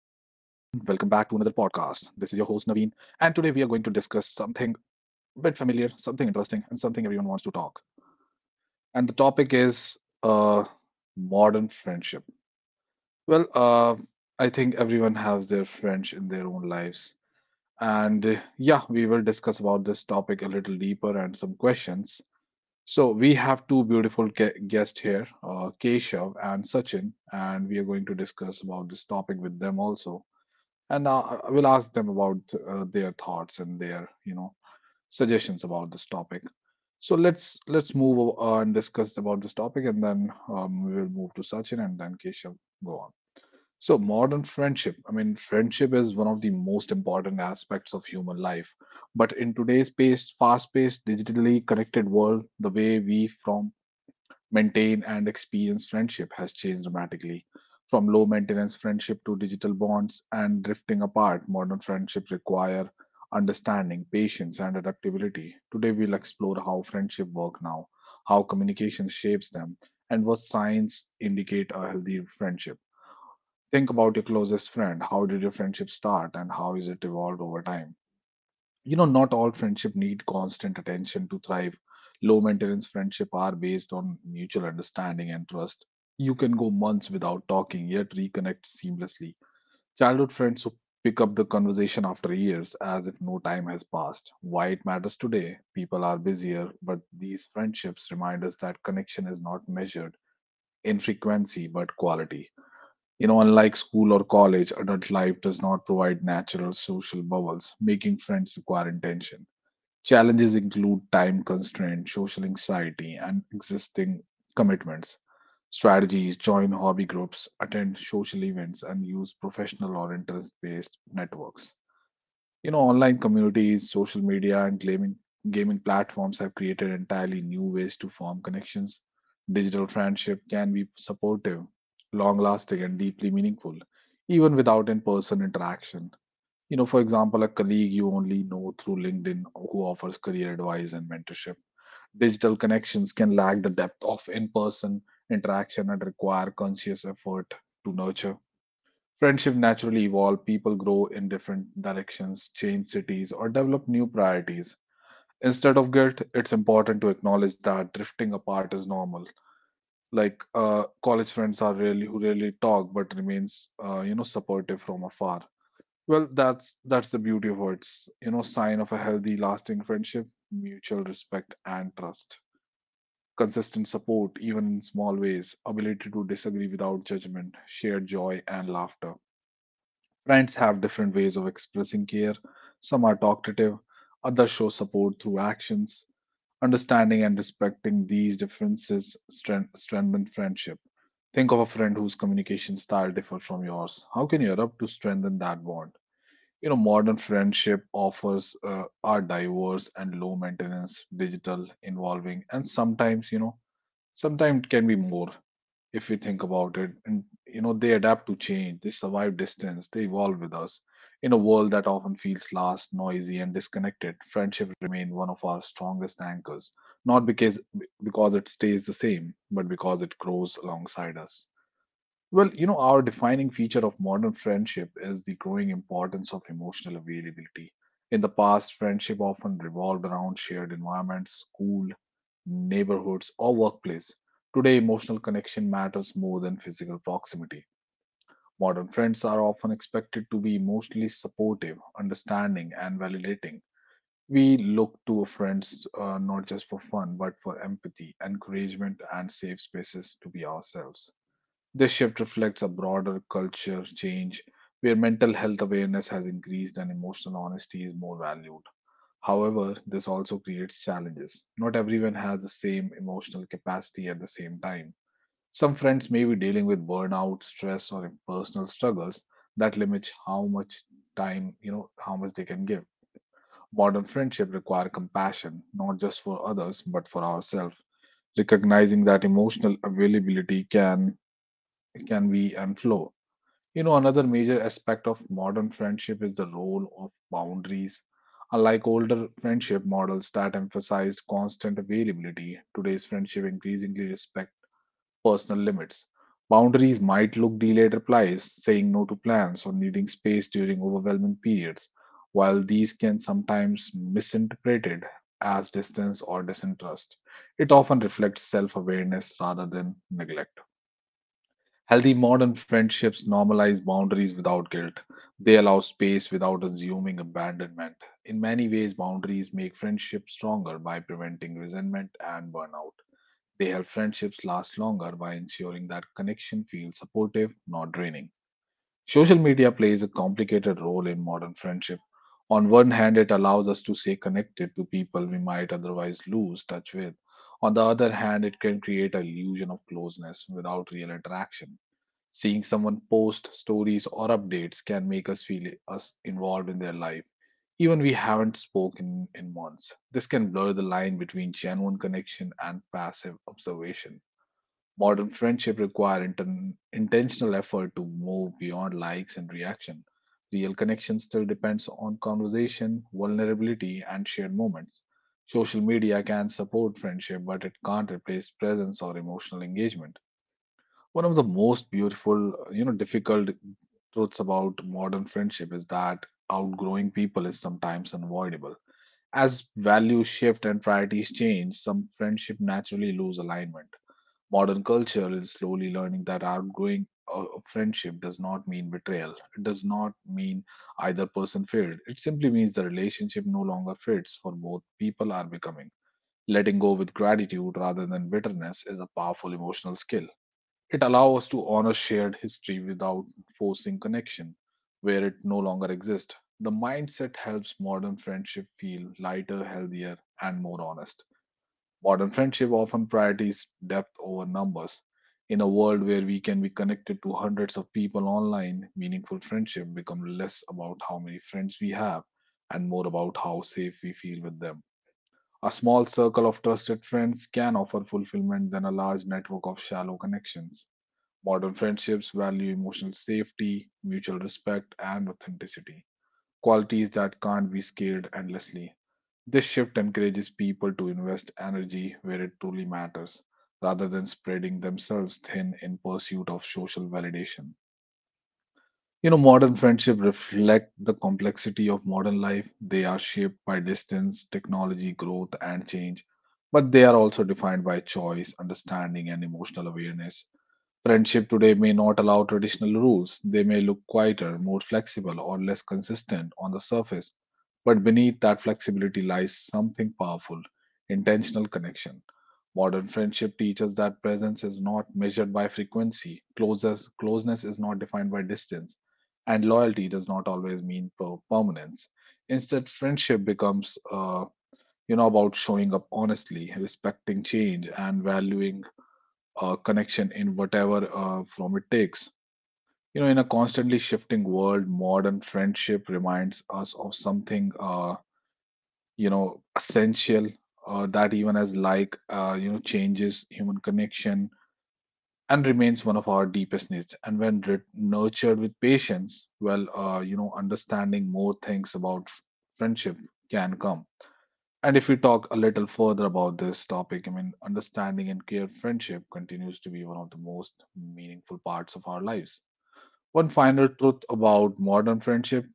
Naveen, and today we are going to discuss something a bit familiar, something interesting, and something everyone wants to talk. And the topic is uh, modern friendship. Well, uh, I think everyone has their friends in their own lives. And yeah, we will discuss about this topic a little deeper and some questions. So we have two beautiful guests here, Keshav and Sachin, and we are going to discuss about this topic with them also. And I will ask them about their thoughts and their suggestions about this topic. So let's move and discuss about this topic, and then we will move to Sachin and then Keshav. Go on. So modern friendship. I mean, friendship is one of the most important aspects of human life. But in today's paced, fast-paced, digitally connected world, the way we from maintain and experience friendship has changed dramatically. From low maintenance friendship to digital bonds and drifting apart, modern friendships require understanding, patience, and adaptability. Today, we'll explore how friendship work now, how communication shapes them, and what signs indicate a healthy friendship. Think about your closest friend. How did your friendship start, and how is it evolved over time? You know, not all friendship need constant attention to thrive. Low maintenance friendship are based on mutual understanding and trust. You can go months without talking yet reconnect seamlessly. Childhood friends who pick up the conversation after years as if no time has passed. Why it matters today: people are busier, but these friendships remind us that connection is not measured in frequency but quality. Unlike school or college, adult life does not provide natural social bubbles, making friends require intention. Challenges include time constraints, social anxiety, and existing commitments. Strategies: join hobby groups, attend social events, and use professional or interest based networks. Online communities, social media, and gaming platforms have created entirely new ways to form connections. Digital friendship can be supportive, long lasting, and deeply meaningful, even without in person interaction. For example, a colleague you only know through LinkedIn who offers career advice and mentorship. Digital connections can lack the depth of in person interaction and require conscious effort to nurture. Friendship naturally evolve, people grow in different directions, change cities, or develop new priorities. Instead of guilt, it's important to acknowledge that drifting apart is normal. Like college friends are really who really talk but remains, supportive from afar. Well, that's the beauty of it. It's, you know, sign of a healthy, lasting friendship, mutual respect and trust, consistent support, even in small ways, ability to disagree without judgment, shared joy and laughter. Friends have different ways of expressing care. Some are talkative, others show support through actions. Understanding and respecting these differences strength, strengthen friendship. Think of a friend whose communication style differs from yours. How can you adapt to strengthen that bond? You know, modern friendship offers are diverse and low maintenance, digital, involving, and sometimes, you know, sometimes it can be more if we think about it. And, you know, they adapt to change, they survive distance, they evolve with us. In a world that often feels lost, noisy, and disconnected, friendship remains one of our strongest anchors, not because it stays the same, but because it grows alongside us. Well, you know, our defining feature of modern friendship is the growing importance of emotional availability. In the past, friendship often revolved around shared environments, school, neighborhoods, or workplace. Today, emotional connection matters more than physical proximity. Modern friends are often expected to be emotionally supportive, understanding, and validating. We look to friends not just for fun, but for empathy, encouragement, and safe spaces to be ourselves. This shift reflects a broader culture change where mental health awareness has increased and emotional honesty is more valued. However, this also creates challenges. Not everyone has the same emotional capacity at the same time. Some friends may be dealing with burnout, stress, or personal struggles that limit how much time, you know, how much they can give. Modern friendship require compassion, not just for others, but for ourselves recognizing that emotional availability can be and flow. You know, another major aspect of modern friendship is the role of boundaries. Unlike older friendship models that emphasized constant availability, today's friendship increasingly respect personal limits. Boundaries might look delayed replies, saying no to plans, or needing space during overwhelming periods, while these can sometimes misinterpreted as distance or disinterest. It often reflects self-awareness rather than neglect. Healthy modern friendships normalize boundaries without guilt. They allow space without assuming abandonment. In many ways, boundaries make friendships stronger by preventing resentment and burnout. They help friendships last longer by ensuring that connection feels supportive, not draining. Social media plays a complicated role in modern friendship. On one hand, it allows us to stay connected to people we might otherwise lose touch with. On the other hand, it can create an illusion of closeness without real interaction. Seeing someone post stories or updates can make us feel us involved in their life, even we haven't spoken in months. This can blur the line between genuine connection and passive observation. Modern friendship require intentional effort to move beyond likes and reaction. Real connection still depends on conversation, vulnerability, and shared moments. Social media can support friendship, but it can't replace presence or emotional engagement. One of the most beautiful, you know, difficult truths about modern friendship is that outgrowing people is sometimes unavoidable. As values shift and priorities change, some friendship naturally lose alignment. Modern culture is slowly learning that outgrowing a friendship does not mean betrayal. It does not mean either person failed. It simply means the relationship no longer fits for both people are becoming. Letting go with gratitude rather than bitterness is a powerful emotional skill. It allows us to honor shared history without forcing connection where it no longer exists. The mindset helps modern friendship feel lighter, healthier, and more honest. Modern friendship often prioritizes depth over numbers. In a world where we can be connected to hundreds of people online, meaningful friendship becomes less about how many friends we have and more about how safe we feel with them. A small circle of trusted friends can offer fulfillment than a large network of shallow connections. Modern friendships value emotional safety, mutual respect, and authenticity, qualities that can't be scaled endlessly. This shift encourages people to invest energy where it truly matters, rather than spreading themselves thin in pursuit of social validation. You know, modern friendships reflect the complexity of modern life. They are shaped by distance, technology, growth, and change, but they are also defined by choice, understanding, and emotional awareness. Friendship today may not allow traditional rules. They may look quieter, more flexible, or less consistent on the surface. But beneath that flexibility lies something powerful intentional connection. Modern friendship teaches that presence is not measured by frequency, closeness is not defined by distance, and loyalty does not always mean permanence. Instead, friendship becomes, about showing up honestly, respecting change, and valuing connection in whatever form it takes. You know, in a constantly shifting world, modern friendship reminds us of something, essential that even as like, changes human connection and remains one of our deepest needs. And when nurtured with patience, well, understanding more things about friendship can come. And if we talk a little further about this topic, I mean, understanding and care friendship continues to be one of the most meaningful parts of our lives. One final truth about modern friendship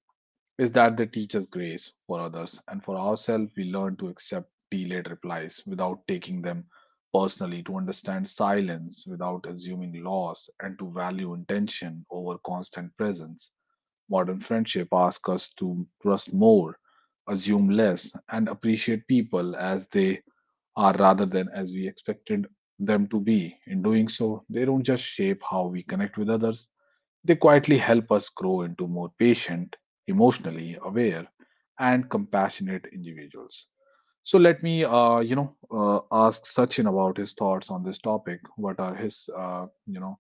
is that they teach us grace for others and for ourselves. We learn to accept delayed replies without taking them personally, to understand silence without assuming loss, and to value intention over constant presence. Modern friendship asks us to trust more, assume less, and appreciate people as they are rather than as we expected them to be. In doing so, they don't just shape how we connect with others, they quietly help us grow into more patient, emotionally aware, and compassionate individuals. So let me, ask Sachin about his thoughts on this topic. What are his,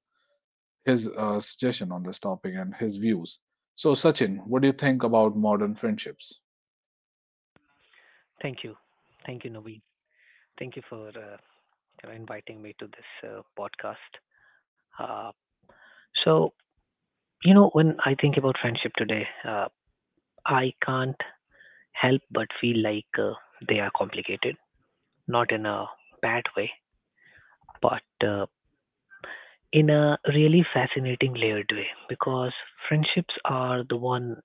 his suggestion on this topic and his views. So, Sachin, what do you think about modern friendships? Thank you. Thank you, Naveen. Thank you for inviting me to this podcast. Uh, so, when I think about friendship today, I can't help but feel like they are complicated, not in a bad way, but in a really fascinating layered way because friendships are the one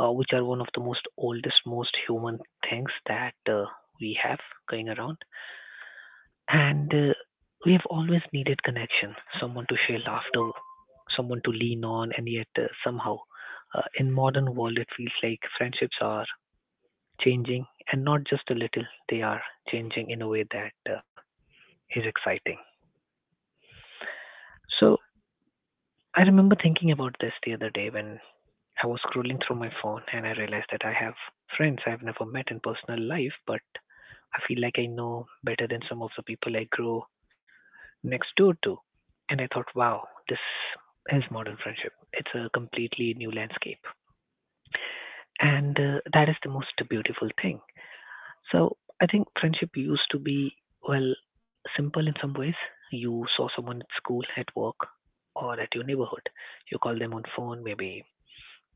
which are one of the most oldest, most human things that we have going around. And we've always needed connection, someone to share laughter, someone to lean on, and yet somehow, in modern world, it feels like friendships are changing, and not just a little. They are changing in a way that is exciting. So I remember thinking about this the other day when I was scrolling through my phone and I realized that I have friends I've never met in personal life, but I feel like I know better than some of the people I grew next door to. And I thought, wow, this is modern friendship. It's a completely new landscape. And that is the most beautiful thing. So I think friendship used to be, well, simple in some ways. You saw someone at school, at work, or at your neighborhood. You call them on phone, maybe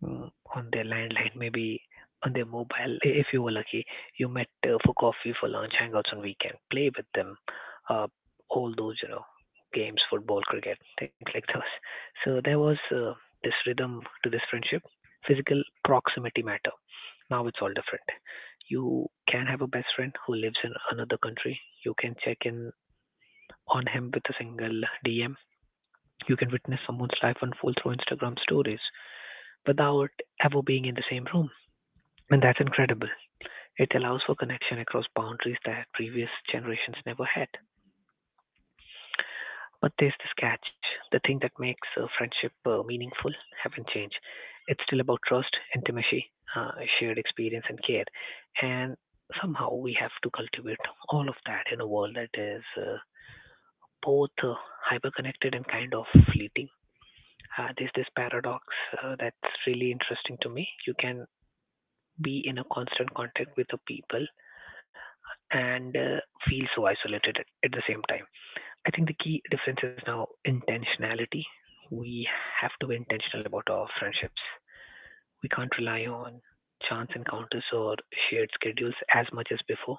mm, on their landline, maybe on their mobile, if you were lucky. You met for coffee, for lunch, hangouts on weekend, play with them, uh, all those, you know, games, football, cricket, things like those. So there was this rhythm to this friendship. Physical proximity matter. Now it's all different. You can have a best friend who lives in another country. You can check in on him with a single DM. You can witness someone's life unfold through Instagram stories without ever being in the same room. And that's incredible. It allows for connection across boundaries that previous generations never had. But there's this catch: the thing that makes a friendship meaningful haven't changed. It's still about trust, intimacy, uh, shared experience, and care. And somehow we have to cultivate all of that in a world that is both hyperconnected and kind of fleeting. There's this paradox that's really interesting to me. You can be in a constant contact with the people and feel so isolated at the same time. I think the key difference is now intentionality. We have to be intentional about our friendships. We can't rely on chance encounters or shared schedules as much as before.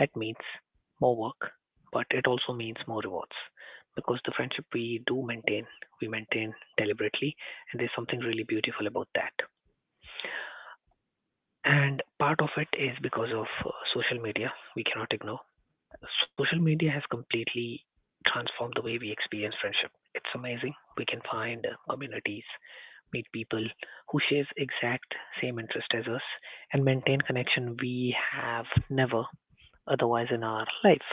That means more work, but it also means more rewards because the friendship we do maintain, we maintain deliberately, and there's something really beautiful about that. And part of it is because of social media, we cannot ignore social media has completely transformed the way we experience friendship. It's amazing. We can find communities, meet people who shares exact same interest as us, and maintain connection we have never otherwise in our life.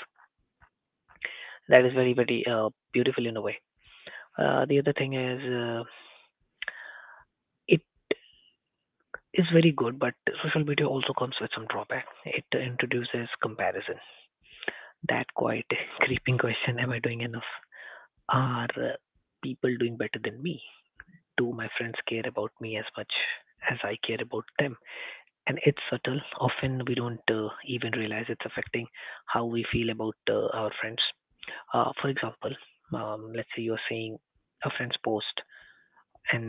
That is very very beautiful in a way. The other thing is it is very good, but social media also comes with some drawback. It introduces comparison. That quite creeping question: Am I doing enough? Are people doing better than me? Do my friends care about me as much as I care about them? And it's subtle. Often we don't even realize it's affecting how we feel about our friends. For example, let's say you're seeing a friend's post, and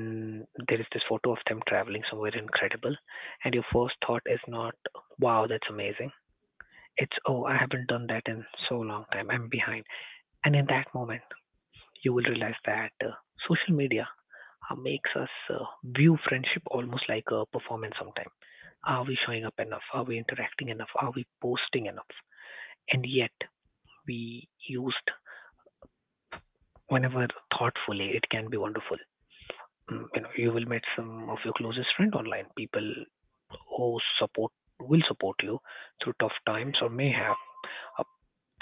there is this photo of them traveling somewhere incredible, and your first thought is not, wow, that's amazing. It's, oh, I haven't done that in so long time. I'm behind. And in that moment, you will realize that social media makes us view friendship almost like a performance sometimes. Are we showing up enough? Are we interacting enough? Are we posting enough? And yet, we used whenever thoughtfully, it can be wonderful. Mm. You know, you will meet some of your closest friend online, people who support will support you through tough times or may have uh,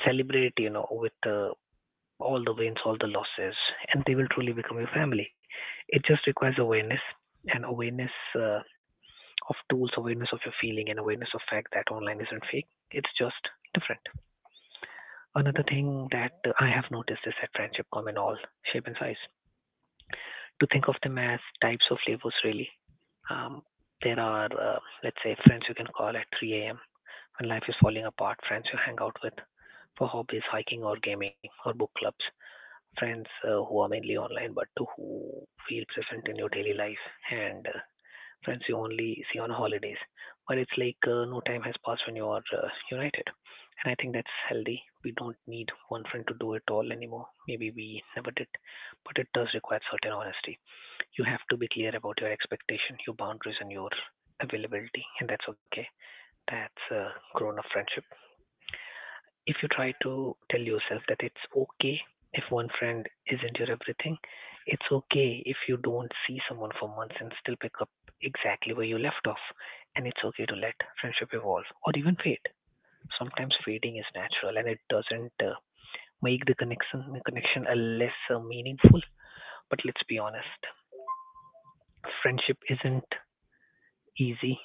celebrate you know with all the wins, all the losses, and they will truly become your family. It just requires awareness, and awareness of tools, awareness of your feeling, and awareness of fact that online isn't fake. It's just different. Another thing that I have noticed is that friendship come in all shape and size. To think of them as types of flavors, really. Um, there are, let's say, friends you can call at 3 a.m. when life is falling apart. Friends you hang out with for hobbies, hiking or gaming or book clubs. Friends who are mainly online but who feel present in your daily life, and friends you only see on holidays. But it's like no time has passed when you are united. And I think that's healthy. We don't need one friend to do it all anymore. Maybe we never did, but it does require certain honesty. You have to be clear about your expectation, your boundaries, and your availability, and that's okay. That's a grown up friendship. If you try to tell yourself that it's okay if one friend isn't your everything, it's okay if you don't see someone for months and still pick up exactly where you left off. And it's okay to let friendship evolve or even fade. Sometimes fading is natural and it doesn't make the connection a less meaningful. But let's be honest, friendship isn't easy.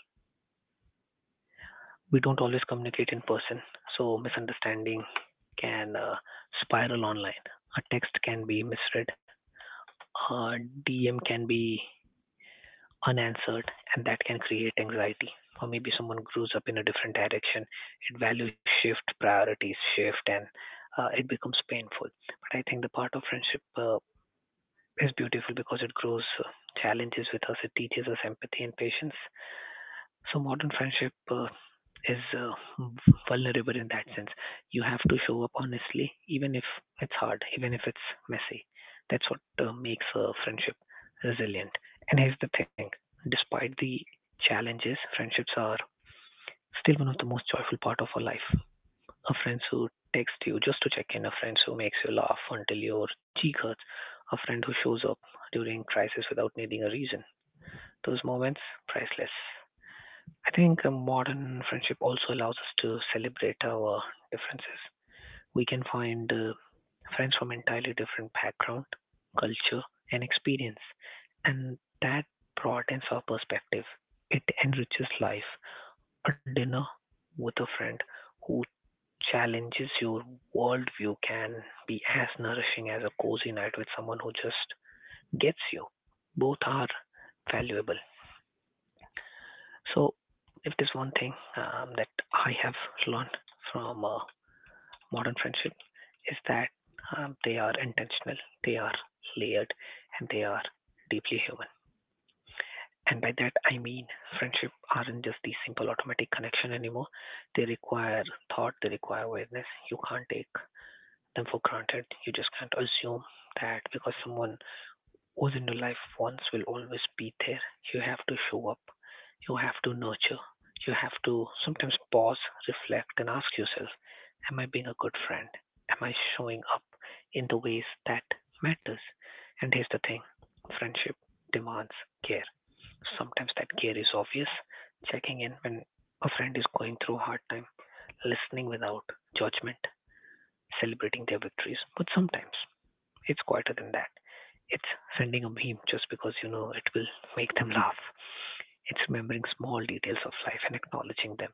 We don't always communicate in person, so misunderstanding can spiral online. A text can be misread, uh, DM can be unanswered, and that can create anxiety. Or maybe someone grows up in a different direction, it values shift, priorities shift, and it becomes painful. But I think the part of friendship is beautiful because it grows challenges with us, it teaches us empathy and patience. So modern friendship is vulnerable in that sense. You have to show up honestly, even if it's hard, even if it's messy. That's what makes a friendship resilient. And here's the thing: despite the challenges, friendships are still one of the most joyful part of our life. A friend who texts you just to check in, a friend who makes you laugh until your cheek hurts, a friend who shows up during crisis without needing a reason. Those moments, priceless. I think a modern friendship also allows us to celebrate our differences. We can find friends from entirely different background, culture, and experience, and that broadens our perspective. It enriches life. A dinner with a friend who challenges your worldview can be as nourishing as a cozy night with someone who just gets you. Both are valuable. So if there's one thing that I have learned from modern friendship is that they are intentional, they are layered, and they are deeply human. And by that I mean friendship aren't just the simple automatic connection anymore. They require thought, they require awareness. You can't take them for granted. You just can't assume that because someone who's in your life once will always be there. You have to show up, you have to nurture, you have to sometimes pause, reflect, and ask yourself: Am I being a good friend? Am I showing up in the ways that matters? And here's the thing: friendship demands care. Sometimes that care is obvious, checking in when a friend is going through a hard time, listening without judgment, celebrating their victories. But sometimes it's quieter than that. It's sending a meme just because you know it will make them laugh. It's remembering small details of life and acknowledging them.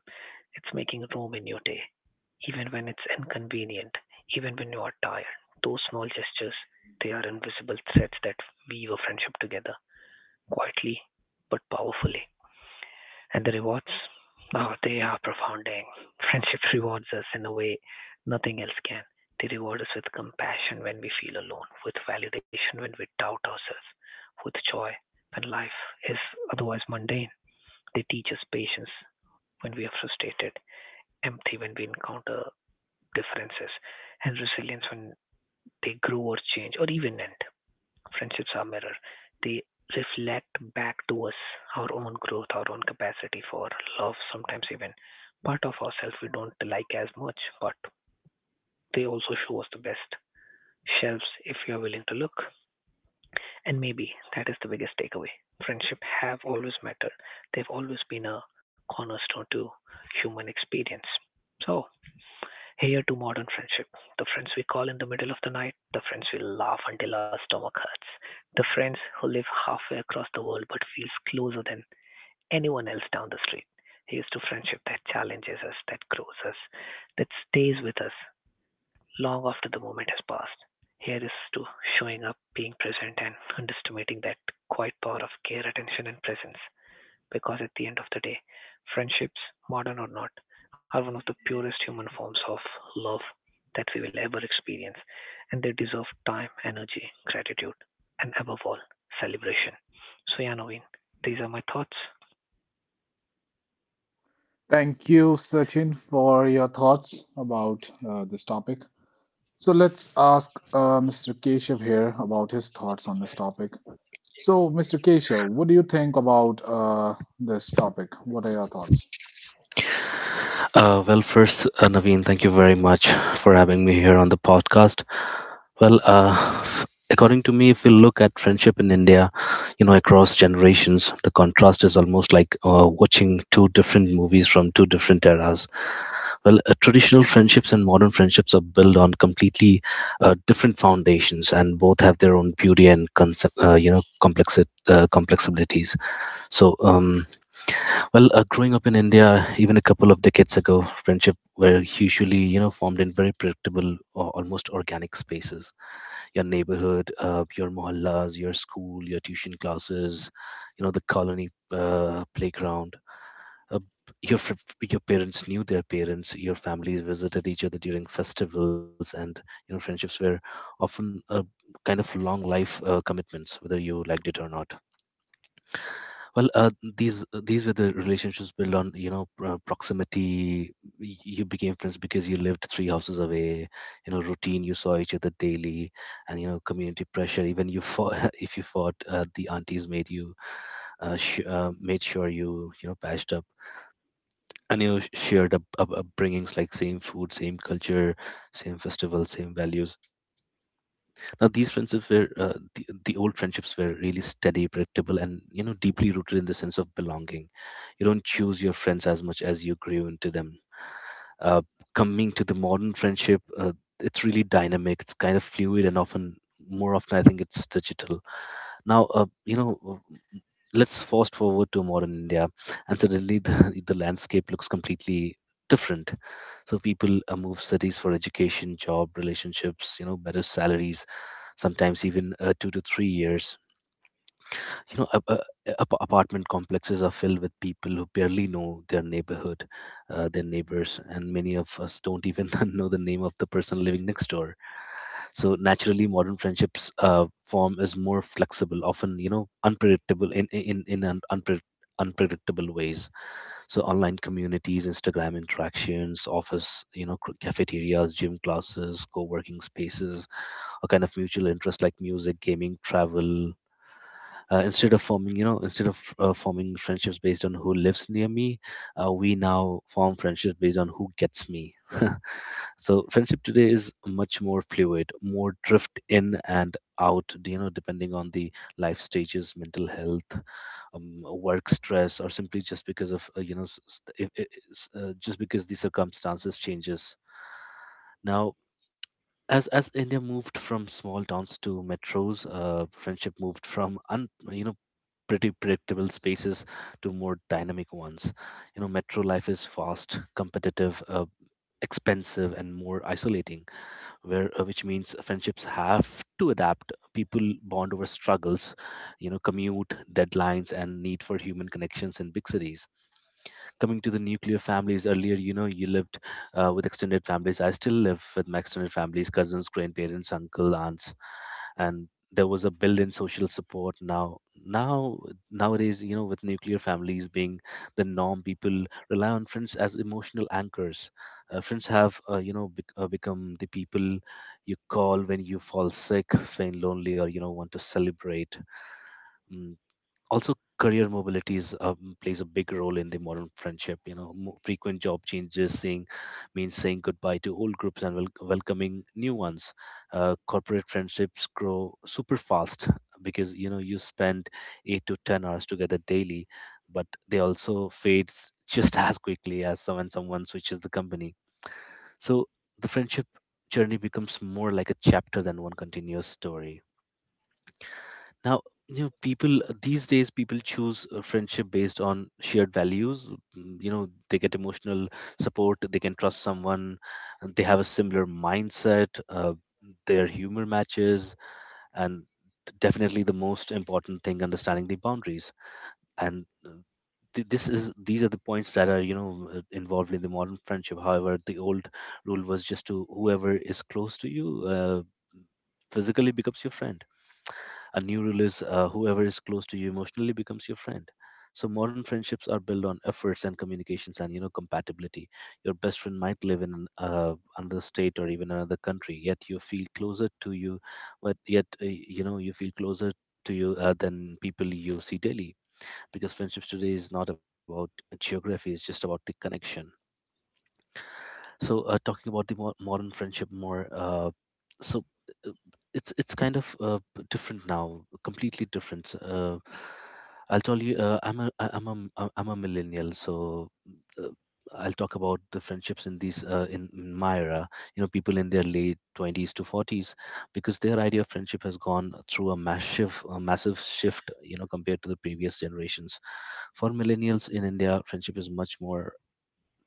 It's making room in your day, even when it's inconvenient, even when you are tired. Those small gestures, they are invisible threads that weave a friendship together, quietly but powerfully. And the rewards? Oh, they are profounding. Friendship rewards us in a way nothing else can. They reward us with compassion when we feel alone, with validation when we doubt ourselves, with joy when life is otherwise mundane. They teach us patience when we are frustrated, empathy when we encounter differences, and resilience when they grow or change or even end. Friendships are mirror. They reflect back to us our own growth, our own capacity for love, sometimes even part of ourselves we don't like as much, but they also show us the best shelves if you are willing to look. And maybe that is the biggest takeaway. Friendship have always mattered. They've always been a cornerstone to human experience. So here to modern friendship, the friends we call in the middle of the night, the friends we laugh until our stomach hurts, the friends who live halfway across the world but feels closer than anyone else down the street. Here's to friendship that challenges us, that grows us, that stays with us long after the moment has passed. Here is to showing up, being present, and underestimating that quiet power of care, attention, and presence because at the end of the day, friendships, modern or not, are one of the purest human forms of love that we will ever experience, and they deserve time, energy, gratitude, and above all, celebration. So, yeah, Naveen, these are my thoughts. Thank you, Sachin, for your thoughts about this topic. So, let's ask Mr. Keshav here about his thoughts on this topic. So, Mr. Keshav, what do you think about this topic? What are your thoughts? Well, first, Naveen, thank you very much for having me here on the podcast. Well, f- according to me, if we look at friendship in India, you know, across generations, the contrast is almost like watching two different movies from two different eras. Well, traditional friendships and modern friendships are built on completely different foundations, and both have their own beauty and concept, you know, complexibilities. So. Well, growing up in India, even a couple of decades ago, friendship were usually, you know, formed in very predictable or almost organic spaces. Your neighborhood, your mohallas, your school, your tuition classes, you know, the colony playground. Uh, your your parents knew their parents. Your families visited each other during festivals, and you know, friendships were often a kind of long life commitments, whether you liked it or not. Well, these were the relationships built on you know proximity. You became friends because you lived three houses away. You know, routine. You saw each other daily, and you know, community pressure. Even you fought if you fought, the aunties made you made sure you you know patched up and you know, shared up, upbringings like same food, same culture, same festival, same values. Now, these friendships were uh, the, the old friendships were really steady, predictable, and you know deeply rooted in the sense of belonging. You don't choose your friends as much as you grew into them. Uh, Coming to the modern friendship, it's really dynamic. It's kind of fluid and often more often I think it's digital. Now, you know, let's fast forward to modern India, and suddenly the landscape looks completely different. So people move cities for education, job, relationships, you know, better salaries sometimes even 2 to 3 years. You know, apartment complexes are filled with people who barely know their neighbors, and many of us don't even know the name of the person living next door. So naturally, modern friendships form is more flexible, often you know unpredictable in an unpredictable ways. So online communities, Instagram interactions, office, you know, cafeterias, gym classes, co-working spaces. A kind of mutual interest like music, gaming, travel. Instead of forming friendships based on who lives near me, we now form friendships based on who gets me. So friendship today is much more fluid, more drift in and out, you know, depending on the life stages, mental health, work stress, or simply just because of you know just because the circumstances changes. Now as India moved from small towns to metros, friendship moved from you know, pretty predictable spaces to more dynamic ones. You know, metro life is fast, competitive, expensive, and more isolating, where which means friendships have to adapt. People bond over struggles, you know, commute, deadlines, and need for human connections in big cities. Coming to the nuclear families earlier, you know, you lived with extended families. I still live with my extended families, cousins, grandparents, uncle, aunts, and there was a built-in social support. Now nowadays, you know, with nuclear families being the norm, people rely on friends as emotional anchors. Friends have you know become the people you call when you fall sick, feel lonely, or you know want to celebrate. Mm, Also, career mobility plays a big role in the modern friendship. You know, frequent job changes saying means saying goodbye to old groups and welcoming new ones. Corporate friendships grow super fast because you know you spend 8 to 10 hours together daily, but they also fades just as quickly as someone switches the company. So the friendship journey becomes more like a chapter than one continuous story. Now, you know, people these days people choose a friendship based on shared values. You know, they get emotional support, they can trust someone, and they have a similar mindset, their humor matches, and definitely the most important thing, understanding the boundaries. And th- this is these are the points that are you know involved in the modern friendship. However, the old rule was just to whoever is close to you uh, physically becomes your friend. A new rule is whoever is close to you emotionally becomes your friend. So modern friendships are built on efforts and communications and you know compatibility. Your best friend might live in another state or even another country, yet you know you feel closer to you than people you see daily, because friendships today is not about geography; it's just about the connection. So talking about the more modern friendship more, so uh, it's kind of different now, completely different. So, I'll tell you, I'm a millennial, so uh, I'll talk about the friendships in my era. You know, people in their late 20s to 40s, because their idea of friendship has gone through a massive shift. You know, compared to the previous generations. For millennials in India, friendship is much more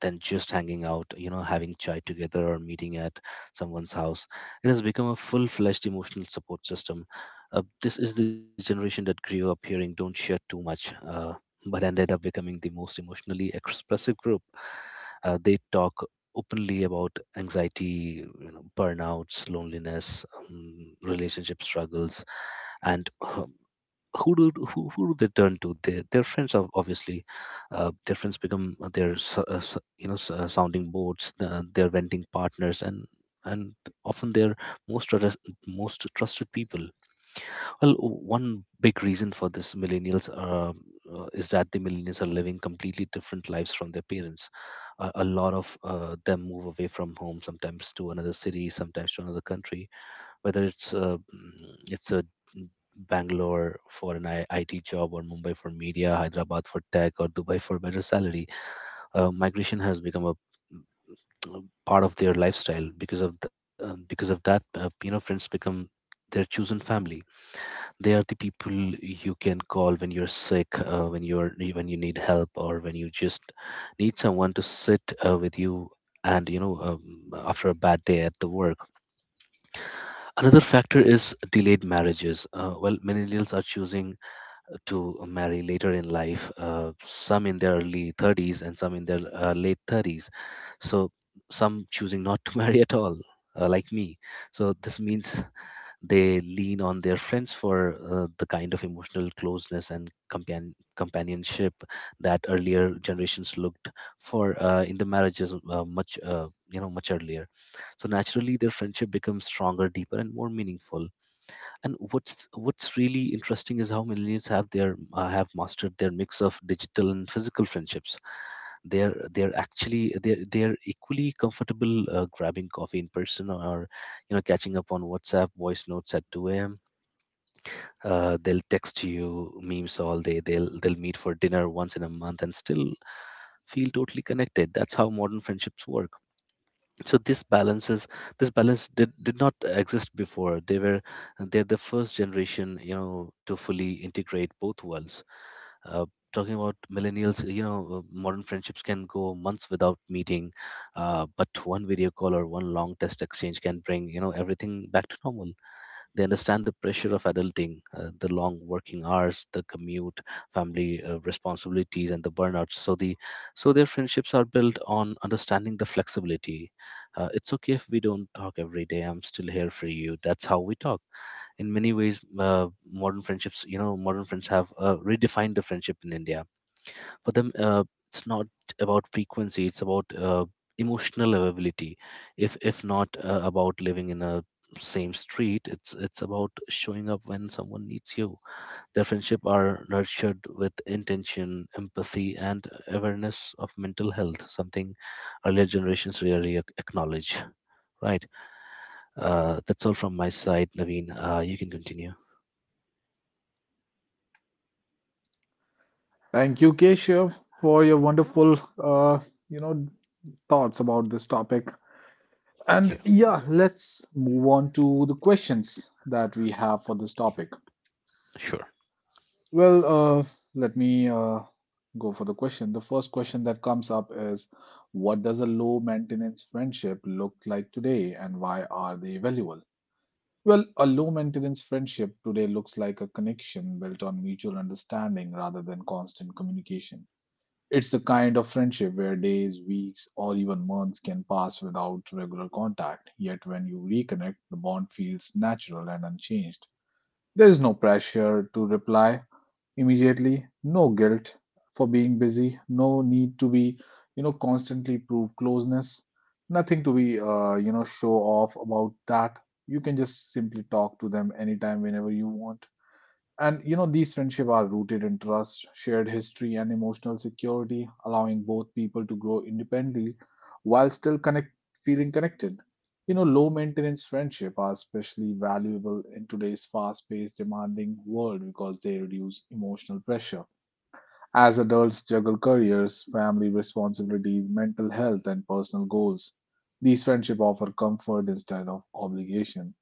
than just hanging out, you know, having chai together or meeting at someone's house. It has become a full fledged emotional support system. This is the generation that grew up hearing, don't share too much, but ended up becoming the most emotionally expressive group. They talk openly about anxiety, you know, burnouts, loneliness, relationship struggles, and who do they turn to? Their friends, obviously. Their friends become their sounding boards, their venting partners, and and often their most trus- most trusted people. Well, one big reason for this millennials is that the millennials are living completely different lives from their parents. A lot of them move away from home, sometimes to another city, sometimes to another country. Whether it's mm, Bangalore for an IT job, or Mumbai for media, Hyderabad for tech, or Dubai for better salary, migration has become a part of their lifestyle. Because of that, you know, friends become their chosen family. They are the people you can call when you're sick, when you need help, or when you just need someone to sit with you. And you know, after a bad day at the work, another factor is delayed marriages. Well, millennials are choosing to marry later in life, some in their early 30s and some in their late 30s. So some choosing not to marry at all, like me. So this means they lean on their friends for the kind of emotional closeness and companionship that earlier generations looked for in the marriages, much you know, much earlier. So naturally, their friendship becomes stronger, deeper, and more meaningful. And what's really interesting is how millennials have mastered their mix of digital and physical friendships. They're they're actually they're they're equally comfortable grabbing coffee in person, or you know catching up on WhatsApp voice notes at 2 a.m. They'll text you memes all day, they'll meet for dinner once in a month and still feel totally connected. That's how modern friendships work. So this balance did not exist before. They're the first generation you know to fully integrate both worlds. uh, Talking about millennials, you know, modern friendships can go months without meeting. But one video call or one long text exchange can bring you know everything back to normal. They understand the pressure of adulting, the long working hours, the commute, family responsibilities, and the burnouts. So their friendships are built on understanding the flexibility. It's okay if we don't talk every day, I'm still here for you. That's how we talk. In many ways, modern friends have redefined the friendship in India. For them, it's not about frequency, it's about emotional availability. If not about living in a same street, it's about showing up when someone needs you. Their friendship are nurtured with intention, empathy, and awareness of mental health. Something earlier generations rarely acknowledge. Right. That's all from my side, Naveen. You can continue. Thank you, Keshav, for your wonderful, you know, thoughts about this topic. Thank And you. yeah, let's move on to the questions that we have for this topic. Sure. Well, uh, let me go for the question. The first question that comes up is, what does a low maintenance friendship look like today, and why are they valuable? Well, a low maintenance friendship today looks like a connection built on mutual understanding rather than constant communication. It's the kind of friendship where days, weeks, or even months can pass without regular contact, yet when you reconnect, the bond feels natural and unchanged. There is no pressure to reply immediately, no guilt for being busy, no need to be, constantly prove closeness, nothing to be, show off about that. You can just simply talk to them anytime, whenever you want. And you know, these friendships are rooted in trust, shared history, and emotional security, allowing both people to grow independently while still connect, feeling connected. You know, low maintenance friendships are especially valuable in today's fast paced, demanding world because they reduce emotional pressure. As adults juggle careers, family responsibilities, mental health, and personal goals, these friendships offer comfort instead of obligation.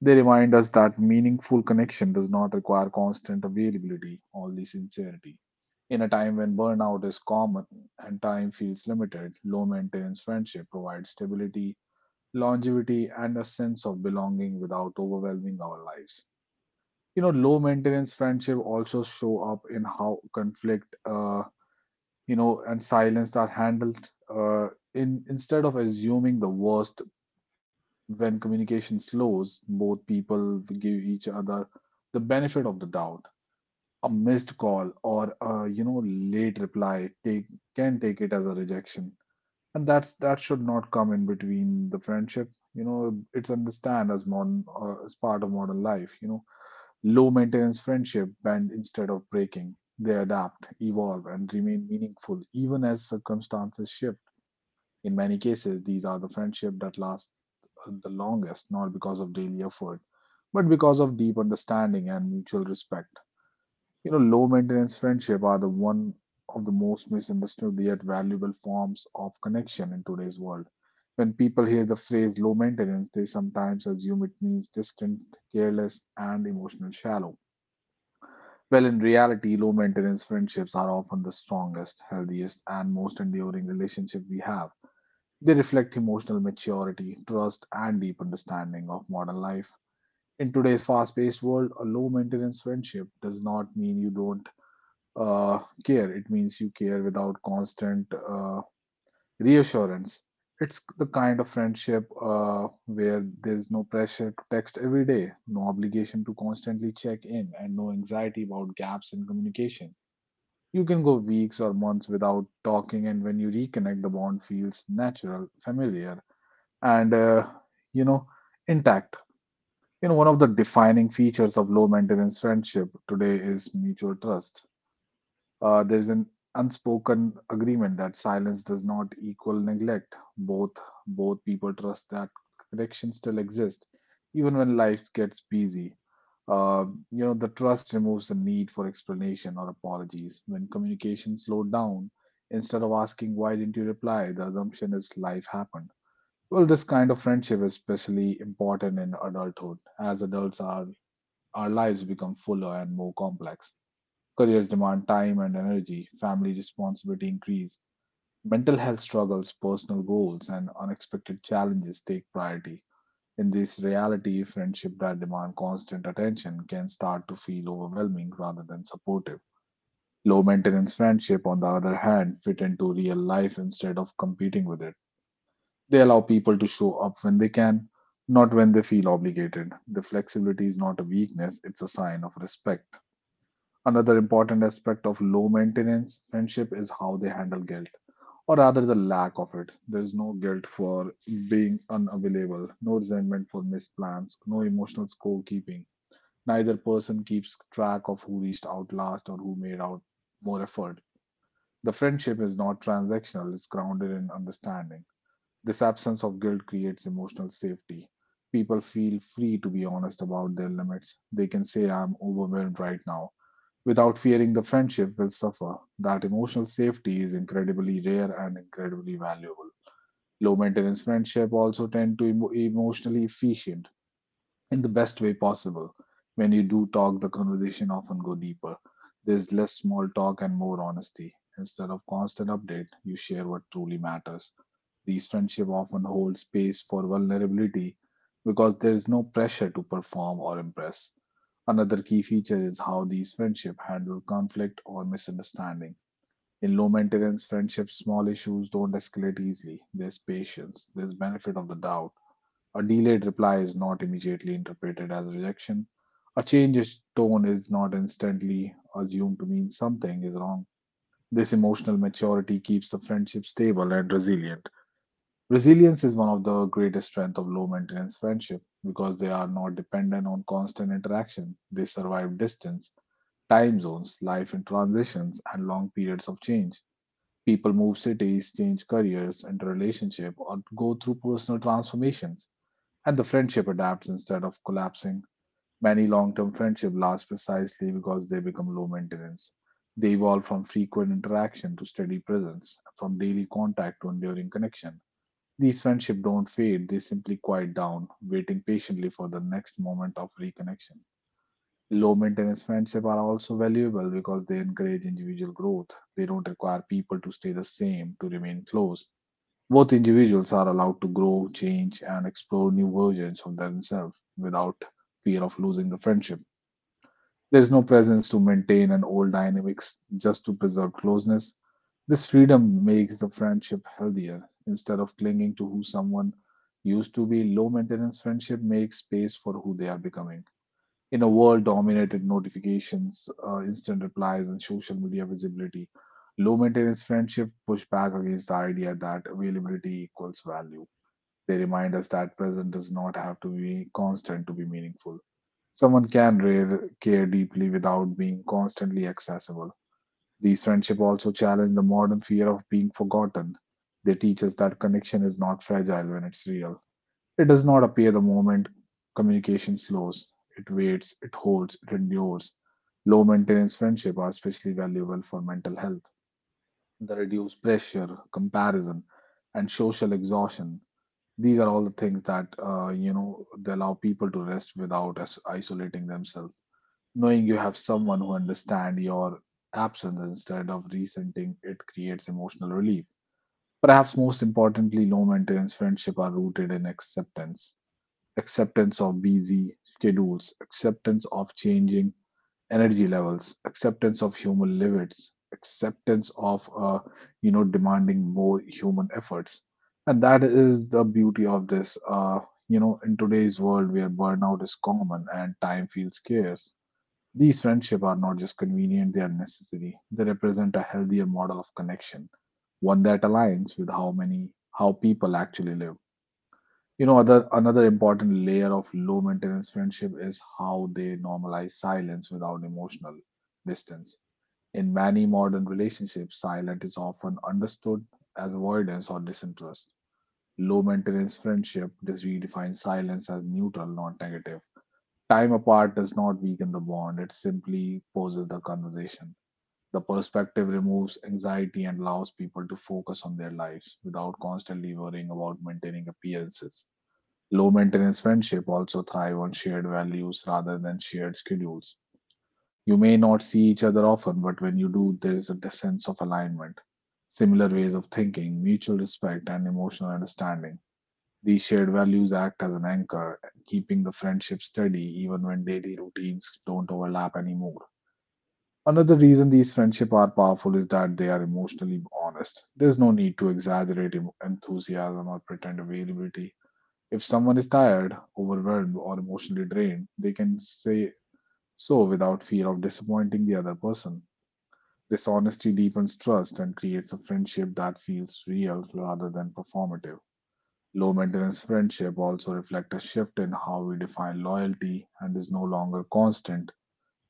They remind us that meaningful connection does not require constant availability, only sincerity. In a time when burnout is common and time feels limited, low maintenance friendship provides stability, longevity, and a sense of belonging without overwhelming our lives. You know, low maintenance friendship also show up in how conflict, and silence are handled. In Instead of assuming the worst when communication slows, both people give each other the benefit of the doubt. A missed call or a, late reply take can take it as a rejection. And that should not come in between the friendship. You know, it's understand as modern as part of modern life. You know, low maintenance friendship bend instead of breaking. They adapt, evolve, and remain meaningful even as circumstances shift. In many cases, these are the friendship that last the longest, not because of daily effort, but because of deep understanding and mutual respect. You know, low maintenance friendship are the one of the most misunderstood yet valuable forms of connection in today's world. When people hear the phrase low maintenance, they sometimes assume it means distant, careless, and emotional shallow. Well, in reality, low maintenance friendships are often the strongest, healthiest, and most enduring relationship we have. They reflect emotional maturity, trust, and deep understanding of modern life in today's fast-paced world. A low-maintenance friendship does not mean you don't care. It means you care without constant reassurance. It's the kind of friendship where there's no pressure to text every day, no obligation to constantly check in, and no anxiety about gaps in communication. You can go weeks or months without talking, and when you reconnect, the bond feels natural, familiar, and you know intact. You know, one of the defining features of low maintenance friendship today is mutual trust. There's an unspoken agreement that silence does not equal neglect. Both people trust that connection still exists, even when life gets busy. You know, the trust removes the need for explanation or apologies. When communication slowed down, instead of asking why didn't you reply, the assumption is life happened. Well, this kind of friendship is especially important in adulthood, as adults are our lives become fuller and more complex. Careers demand time and energy, family responsibility increase, mental health struggles, personal goals, and unexpected challenges take priority. In this reality, friendship that demand constant attention can start to feel overwhelming rather than supportive. Low maintenance friendship, on the other hand, fit into real life instead of competing with it. They allow people to show up when they can, not when they feel obligated. The flexibility is not a weakness, it's a sign of respect. Another important aspect of low maintenance friendship is how they handle guilt, or rather, the lack of it. There is no guilt for being unavailable, no resentment for missed plans, no emotional scorekeeping. Neither person keeps track of who reached out last or who made out more effort. The friendship is not transactional, it's grounded in understanding. This absence of guilt creates emotional safety. People feel free to be honest about their limits. They can say, I'm overwhelmed right now, without fearing the friendship will suffer. That emotional safety is incredibly rare and incredibly valuable. Low maintenance friendship also tend to emotionally efficient in the best way possible. When you do talk, the conversation often go deeper. There's less small talk and more honesty. Instead of constant update, you share what truly matters. These friendships often hold space for vulnerability because there is no pressure to perform or impress. Another key feature is how these friendships handle conflict or misunderstanding. In low maintenance friendships, small issues don't escalate easily. There's patience, there's benefit of the doubt. A delayed reply is not immediately interpreted as rejection. A change in tone is not instantly assumed to mean something is wrong. This emotional maturity keeps the friendship stable and resilient. Resilience is one of the greatest strengths of low maintenance friendship because they are not dependent on constant interaction. They survive distance, time zones, life in transitions, and long periods of change. People move cities, change careers, enter relationship, or go through personal transformations, and the friendship adapts instead of collapsing. Many long-term friendships last precisely because they become low maintenance. They evolve from frequent interaction to steady presence, from daily contact to enduring connection. These friendships don't fade, they simply quiet down, waiting patiently for the next moment of reconnection. Low maintenance friendships are also valuable because they encourage individual growth. They don't require people to stay the same to remain close. Both individuals are allowed to grow, change, and explore new versions of themselves without fear of losing the friendship. There is no presence to maintain an old dynamics just to preserve closeness. This freedom makes the friendship healthier. Instead of clinging to who someone used to be, low maintenance friendship makes space for who they are becoming. In a world dominated notifications, instant replies, and social media visibility, low maintenance friendship push back against the idea that availability equals value. They remind us that presence does not have to be constant to be meaningful. Someone can care deeply without being constantly accessible. These friendships also challenge the modern fear of being forgotten. They teach us that connection is not fragile when it's real. It does not appear the moment communication slows. It waits, it holds, it endures. Low maintenance friendships are especially valuable for mental health. The reduced pressure, comparison, and social exhaustion. These are all the things that they allow people to rest without isolating themselves. Knowing you have someone who understands your absence instead of resenting it creates emotional relief. Perhaps most importantly, low maintenance friendships are rooted in acceptance. Acceptance of busy schedules, acceptance of changing energy levels, acceptance of human limits, acceptance of demanding more human efforts. And that is the beauty of this. In today's world where burnout is common and time feels scarce, these friendships are not just convenient, they are necessary. They represent a healthier model of connection, one that aligns with how many how people actually live. You know, other another important layer of low maintenance friendship is how they normalize silence without emotional distance. In many modern relationships, silence is often understood as avoidance or disinterest. Low maintenance friendship just redefines silence as neutral, not negative. Time apart does not weaken the bond, it simply poses the conversation. The perspective removes anxiety and allows people to focus on their lives without constantly worrying about maintaining appearances. Low maintenance friendship also thrive on shared values rather than shared schedules. You may not see each other often, but when you do, there is a sense of alignment, similar ways of thinking, mutual respect, and emotional understanding. These shared values act as an anchor, keeping the friendship steady even when daily routines don't overlap anymore. Another reason these friendships are powerful is that they are emotionally honest. There's no need to exaggerate enthusiasm or pretend availability. If someone is tired, overwhelmed, or emotionally drained, they can say so without fear of disappointing the other person. This honesty deepens trust and creates a friendship that feels real rather than performative. Low maintenance friendship also reflect a shift in how we define loyalty, and is no longer constant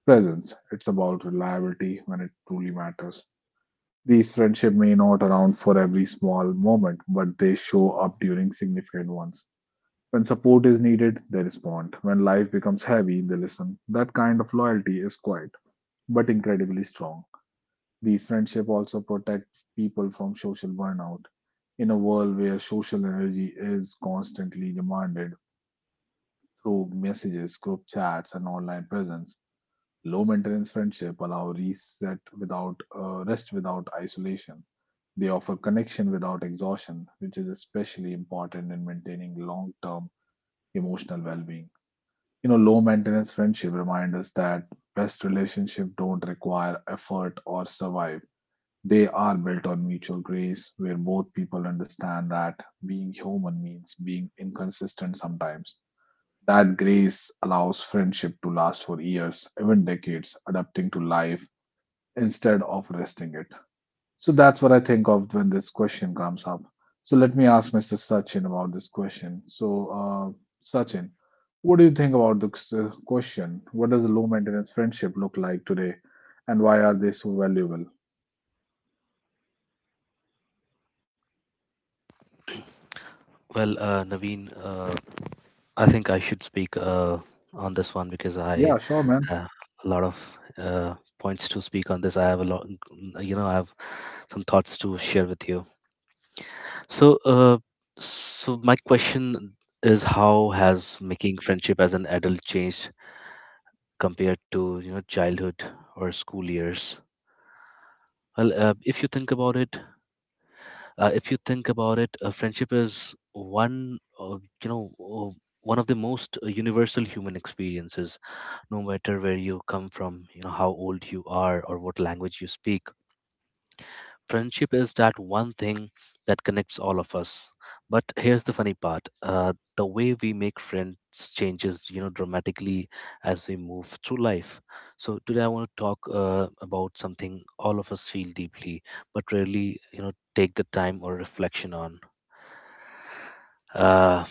presence. It's about reliability when it truly matters. These friendships may not around for every small moment, but they show up during significant ones. When support is needed, they respond. When life becomes heavy, they listen. That kind of loyalty is quiet, but incredibly strong. These friendships also protect people from social burnout. In a world where social energy is constantly demanded through messages, group chats, and online presence, low maintenance friendship allow reset without rest without isolation. They offer connection without exhaustion, which is especially important in maintaining long term emotional well being. You know, low maintenance friendship remind us that best relationships don't require effort or survive. They are built on mutual grace, where both people understand that being human means being inconsistent sometimes. That grace allows friendship to last for years, even decades, adapting to life instead of resting it. So that's what I think of when this question comes up. So let me ask Mr. Sachin about this question. So, Sachin, what do you think about this question? What does a low maintenance friendship look like today, and why are they so valuable? Well, Naveen, I think I should speak on this one because I Yeah, sure, man. have a lot of points to speak on this. I have a lot, I have some thoughts to share with you. So, uh, so my question is, how has making friendship as an adult changed compared to, childhood or school years? Well, if you think about it, If you think about it, friendship is you know, uh, one of the most universal human experiences. No matter where you come from, how old you are, or what language you speak, friendship is that one thing that connects all of us. But here's the funny part, the way we make friends changes, dramatically, as we move through life. So today I want to talk about something all of us feel deeply, but rarely take the time or reflection on. uh,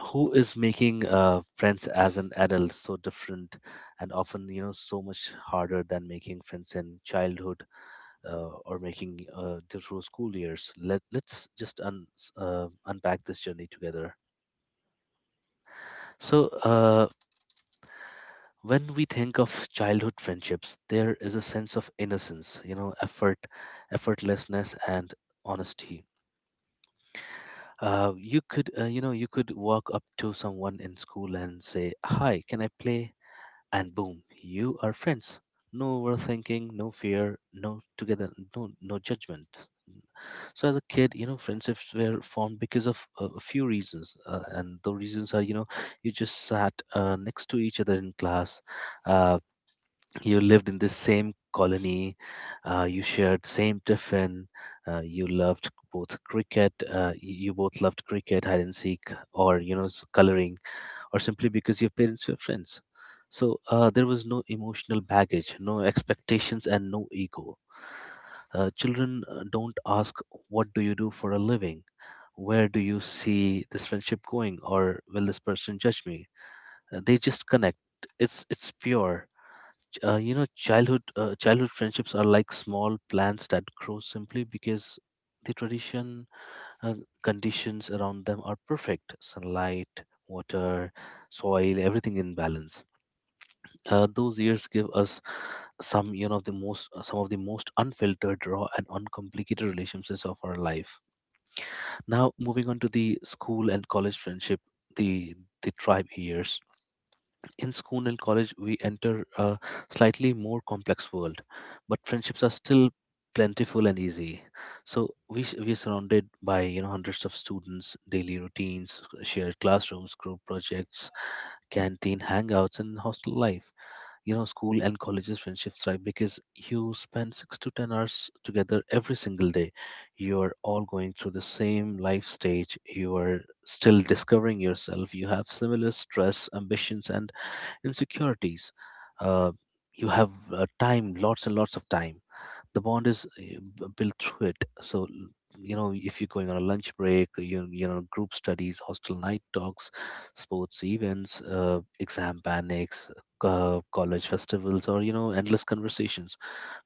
who is making friends as an adult so different, and often, so much harder than making friends in childhood, or making the through school years. Let's just unpack this journey together. So, when we think of childhood friendships, there is a sense of innocence, effortlessness, and honesty. You could walk up to someone in school and say, "Hi, can I play?" And boom, you are friends. No overthinking, no fear, no together, no judgment. So as a kid, friendships were formed because of a few reasons, and the reasons are, you just sat next to each other in class, uh, you lived in the same colony, you shared same tiffin, you both loved cricket, hide and seek, or coloring, or simply because your parents were friends. So, there was no emotional baggage, no expectations, and no ego. Children don't ask, "What do you do for a living?" Where do you see this friendship going, or will this person judge me? They just connect. It's pure. Childhood friendships are like small plants that grow simply because the tradition uh, conditions around them are perfect: sunlight, water, soil, everything in balance. Those years give us some of the most unfiltered, raw, and uncomplicated relationships of our life. Now, moving on to the school and college friendship, the the tribe years. In school and college, we enter a slightly more complex world, but friendships are still plentiful and easy. So we are surrounded by, hundreds of students, daily routines, shared classrooms, group projects, canteen hangouts, and hostel life. School and colleges friendships thrive because you spend 6 to 10 hours together every single day. You are all going through the same life stage, you are still discovering yourself, you have similar stress, ambitions, and insecurities. uh, you have time, lots and lots of time. The bond is built through it. So, if you're going on a lunch break, group studies, hostel night talks, sports events, exam panics, college festivals, or endless conversations.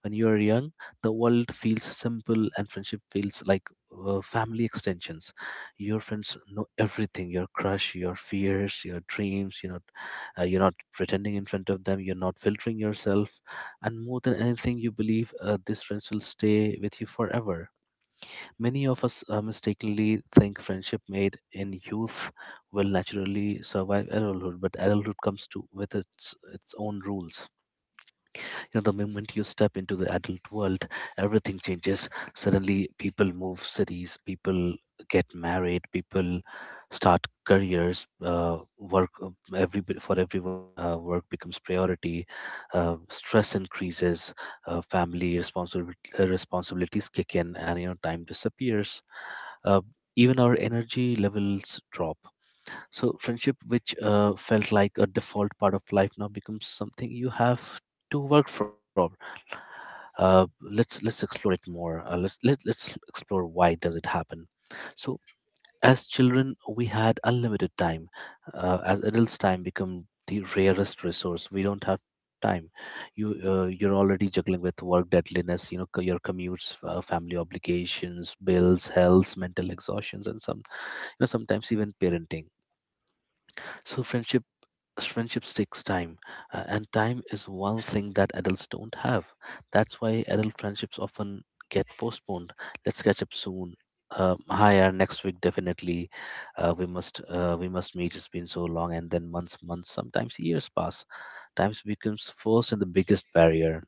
When you are young, the world feels simple, and friendship feels like family extensions. Your friends know everything: your crush, your fears, your dreams. You're not pretending in front of them, you're not filtering yourself. And more than anything, you believe these friends will stay with you forever. Many of us mistakenly think friendship made in youth will naturally survive adulthood, but adulthood comes to with its own rules. The moment you step into the adult world, everything changes. Suddenly, people move cities, people get married, people start careers. Work, every for everyone, work becomes priority. Stress increases. Family responsibilities kick in, and time disappears. uh, Even our energy levels drop. So friendship, which felt like a default part of life, now becomes something you have to work from. Let's explore it more. Let's explore why does it happen. So, as children, we had unlimited time. As adults, time become the rarest resource. We don't have time. You're already juggling with work deadliness, your commutes, family obligations, bills, health, mental exhaustions, and sometimes even parenting. So friendships takes time, and time is one thing that adults don't have. That's why adult friendships often get postponed. "Let's catch up soon." "Hi, next week definitely." We must meet, it's been so long." And then months, sometimes years pass. Times becomes first and the biggest barrier.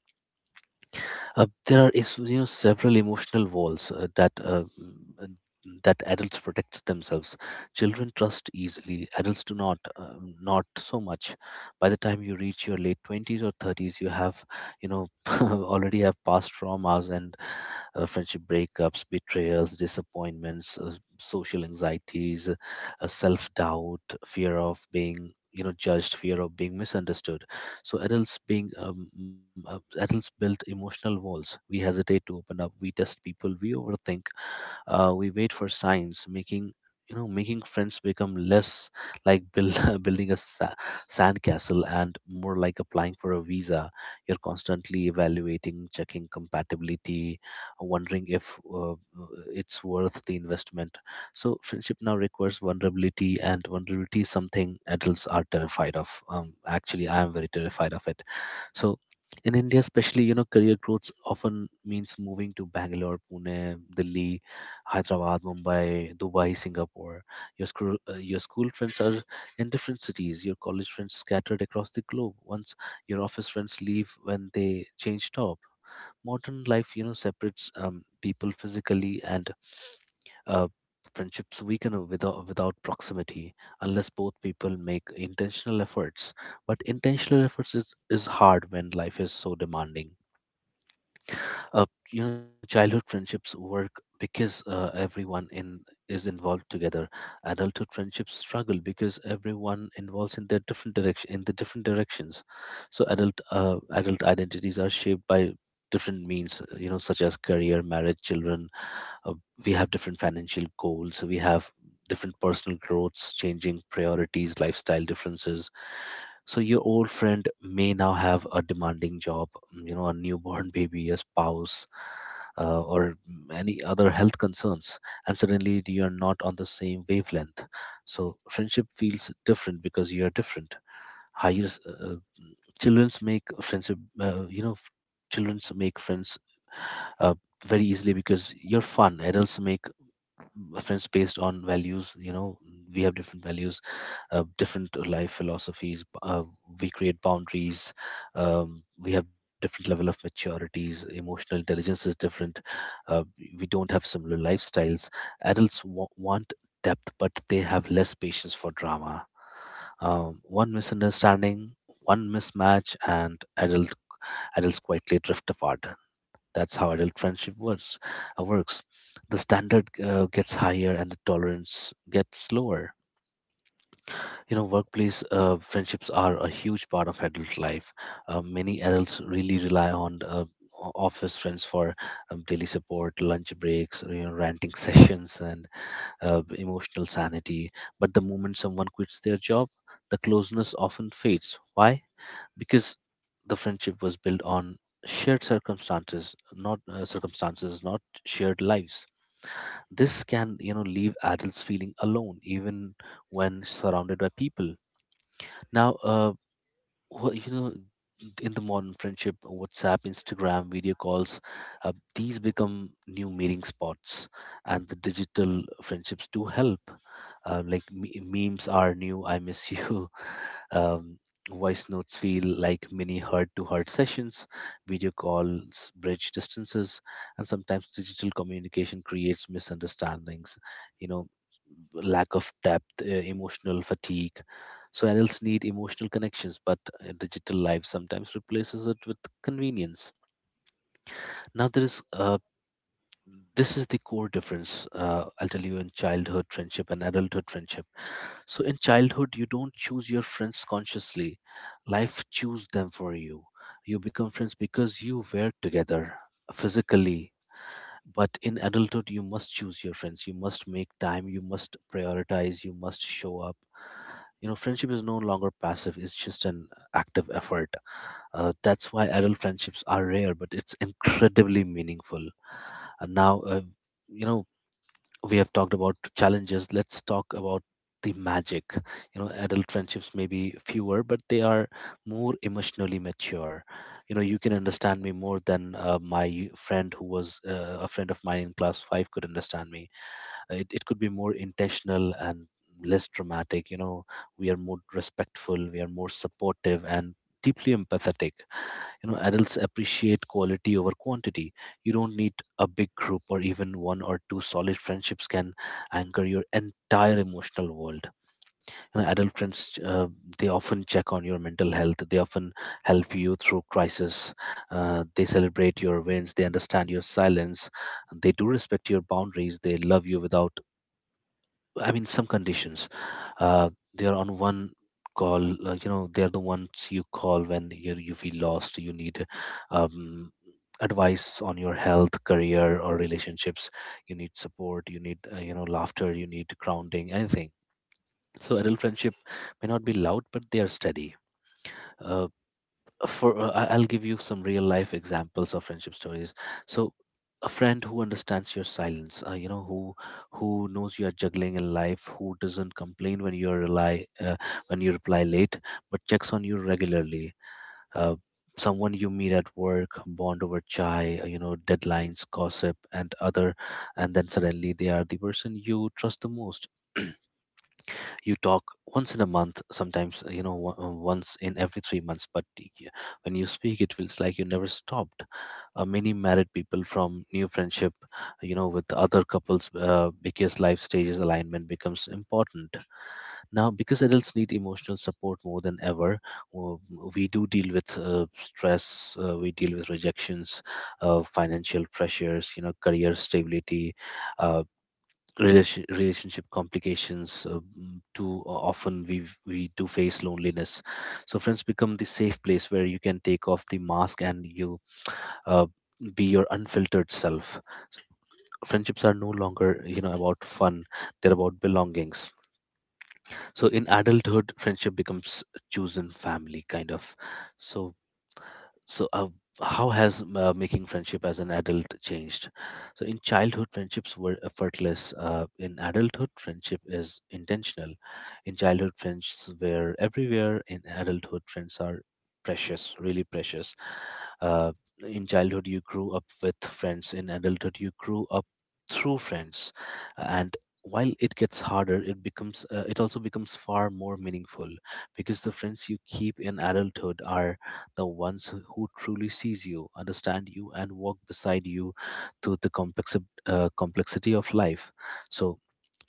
There are several emotional walls, uh, that adults protect themselves. Children trust easily. Adults do not, not so much. By the time you reach your late 20s or 30s, you have you know already have past traumas and friendship breakups, betrayals, disappointments, social anxieties, self doubt, fear of being judged, fear of being misunderstood. So adults built emotional walls. We hesitate to open up, we test people, we overthink. We wait for signs. Making you know making friends become less like building a sandcastle, and more like applying for a visa. You're constantly evaluating, checking compatibility, wondering if it's worth the investment. So friendship now requires vulnerability, and vulnerability is something adults are terrified of. Actually, I am very terrified of it. So in India, especially, career growth often means moving to Bangalore, Pune, Delhi, Hyderabad, Mumbai, Dubai, Singapore. Your school friends are in different cities. Your college friends scattered across the globe. Once your office friends leave when they change jobs, modern life, separates people physically, and uh, friendships weaken without proximity, unless both people make intentional efforts. But intentional efforts is hard when life is so demanding. uh, Childhood friendships work because, everyone in is involved together. Adulthood friendships struggle because everyone involves in their different direction, in the different directions. So adult identities are shaped by different means, such as career, marriage, children. uh, we have different financial goals, we have different personal growths, changing priorities, lifestyle differences. So your old friend may now have a demanding job, a newborn baby, a spouse, or any other health concerns, and suddenly you are not on the same wavelength. So friendship feels different because you are different. higher s- uh, children's make friendship uh, you know Children's make friends uh, very easily because you're fun. Adults make friends based on values. We have different values, different life philosophies. We create boundaries. We have different level of maturities. Emotional intelligence is different. uh, we don't have similar lifestyles. Adults want depth, but they have less patience for drama. One misunderstanding, one mismatch, and adults quietly drift apart. That's how adult friendship works. The standard gets higher and the tolerance gets lower. You know, workplace friendships are a huge part of adult life. Many adults really rely on office friends for daily support, lunch breaks, ranting sessions, and emotional sanity. But the moment someone quits their job, the closeness often fades. Why? Because the friendship was built on shared circumstances, not circumstances not shared lives. This can, leave adults feeling alone, even when surrounded by people. Now uh wh- you know in the modern friendship, WhatsApp, Instagram, video calls, these become new meeting spots. And the digital friendships do help. Like, memes are new, I miss you. um, Voice notes feel like mini heart to heart sessions, video calls bridge distances, and sometimes digital communication creates misunderstandings, you know, lack of depth, emotional fatigue. So adults need emotional connections, but, digital life sometimes replaces it with convenience. Now there is this is the core difference. I'll tell you in childhood friendship and adulthood friendship. So in childhood, you don't choose your friends consciously. Life choose them for you. You become friends because you were together physically. But in adulthood, you must choose your friends. You must make time. You must prioritize. You must show up. You know, friendship is no longer passive. It's just an active effort. That's why adult friendships are rare, but it's incredibly meaningful. And now, you know, we have talked about challenges. Let's talk about the magic. You know, adult friendships may be fewer, but they are more emotionally mature. You know, you can understand me more than my friend who was a friend of mine in class 5 could understand me. It could be more intentional and less dramatic, you know. We are more respectful, we are more supportive and deeply empathetic. You know, adults appreciate quality over quantity. You don't need a big group, or even one or two solid friendships can anchor your entire emotional world. You know, adult friends, they often check on your mental health, they often help you through crisis. They celebrate your wins, they understand your silence, they do respect your boundaries, they love you without, I mean, some conditions. Uh, they are on one call. You know, they are the ones you call when you feel lost. You need um, advice on your health, career, or relationships. You need support. You need you know, laughter. You need grounding. Anything. So adult friendship may not be loud, but they are steady. Uh, I'll give you some real life examples of friendship stories. So a friend who understands your silence, you know, who knows you are juggling in life, who doesn't complain when you rely when you reply late, but checks on you regularly. Uh, Someone you meet at work, bond over chai, you know, deadlines, gossip, and other, and then suddenly they are the person you trust the most. You talk once in a month, sometimes you know once in every 3 months, when you speak it feels like you never stopped. Many married people from new friendship, you know, with other couples, because life stages alignment becomes important now, because adults need emotional support more than ever. We do deal with stress, we deal with rejections, financial pressures, you know, career stability, uh, relationship complications, too often we do face loneliness. So friends become the safe place where you can take off the mask and you, uh, be your unfiltered self. Friendships are no longer, you know, about fun, they're about belongings. So in adulthood friendship becomes chosen family kind of. So so, uh, how has making friendship as an adult changed? So in childhood, friendships were effortless. In adulthood, friendship is intentional. In childhood, friends were everywhere. In adulthood, friends are precious, really precious. uh, in childhood you grew up with friends, in adulthood you grew up through friends. And while it gets harder, it becomes it also becomes far more meaningful, because the friends you keep in adulthood are the ones who truly sees you, understand you and walk beside you through the complexity of life. So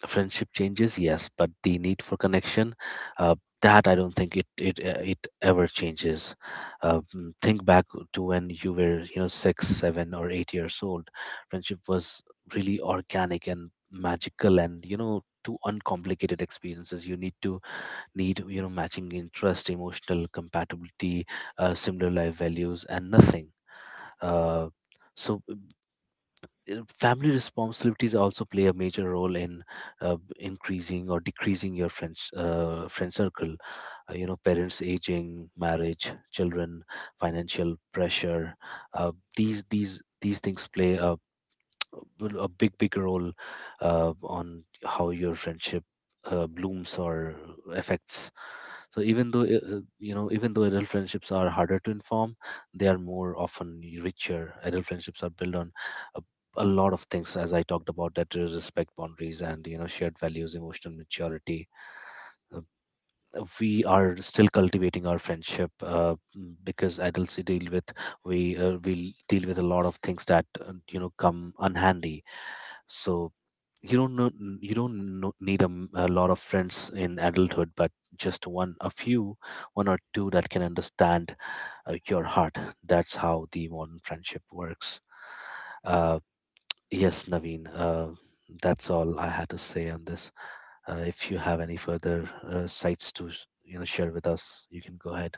friendship changes, yes, but the need for connection, uh, that I don't think it ever changes. Think back to when you were, you know, 6 7 or 8 years old. Friendship was really organic and magical, and you know, two uncomplicated experiences. You need, you know, matching interest, emotional compatibility, similar life values and nothing. Uh, so uh, family responsibilities also play a major role in increasing or decreasing your friend circle. You know, parents aging, marriage, children, financial pressure, these things play a big big role on how your friendship blooms or affects. So even though you know, even though adult friendships are harder to inform, they are more often richer. Adult friendships are built on a, a lot of things, as I talked about, that is respect, boundaries, and you know, shared values, emotional maturity. Uh, we are still cultivating our friendship, because adults deal with, we deal with a lot of things that, you know, come unhandy. So you don't know, you don't know, need a lot of friends in adulthood, but just one a few, one or two that can understand your heart. That's how the modern friendship works. uh, yes Naveen, that's all I had to say on this. If you have any further you know, share with us, you can go ahead.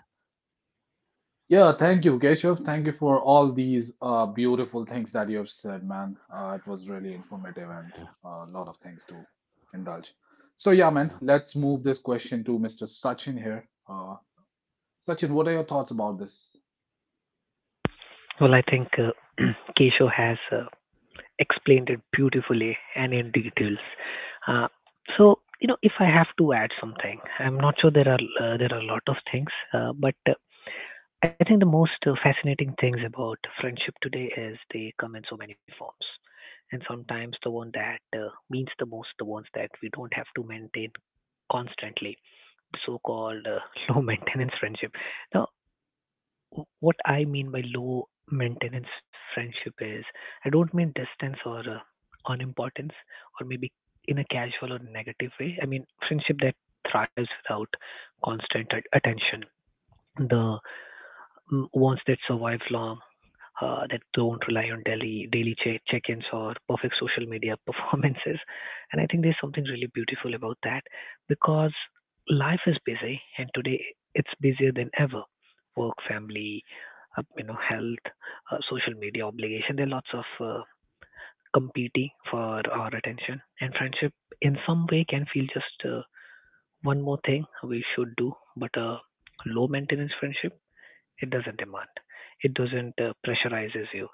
Yeah, thank you, Keshav. Thank you for all these beautiful things that you have said, man. It was really informative and Yeah. a lot of things to indulge. So, yeah, man, let's move this question to Mr. Sachin here. Sachin, what are your thoughts about this? Well, I think Kesho has explained it beautifully and in details. Uh, so, you know, if I have to add something, I'm not sure there are a lot of things, but I think the most fascinating things about friendship today is they come in so many forms. And sometimes the one that means the most, the ones that we don't have to maintain constantly, so called low maintenance friendship. Now, what I mean by low maintenance friendship is I don't mean distance or unimportance or maybe in a casual or negative way. I mean friendship that thrives without constant attention. The ones that survive long that don't rely on daily check-ins or perfect social media performances. And I think there's something really beautiful about that because life is busy, and today it's busier than ever. Work, family, you know, health, social media obligation. There are lots of competing for our attention, and friendship in some way can feel just one more thing we should do, but a low maintenance friendship it doesn't demand. It doesn't pressurizes you.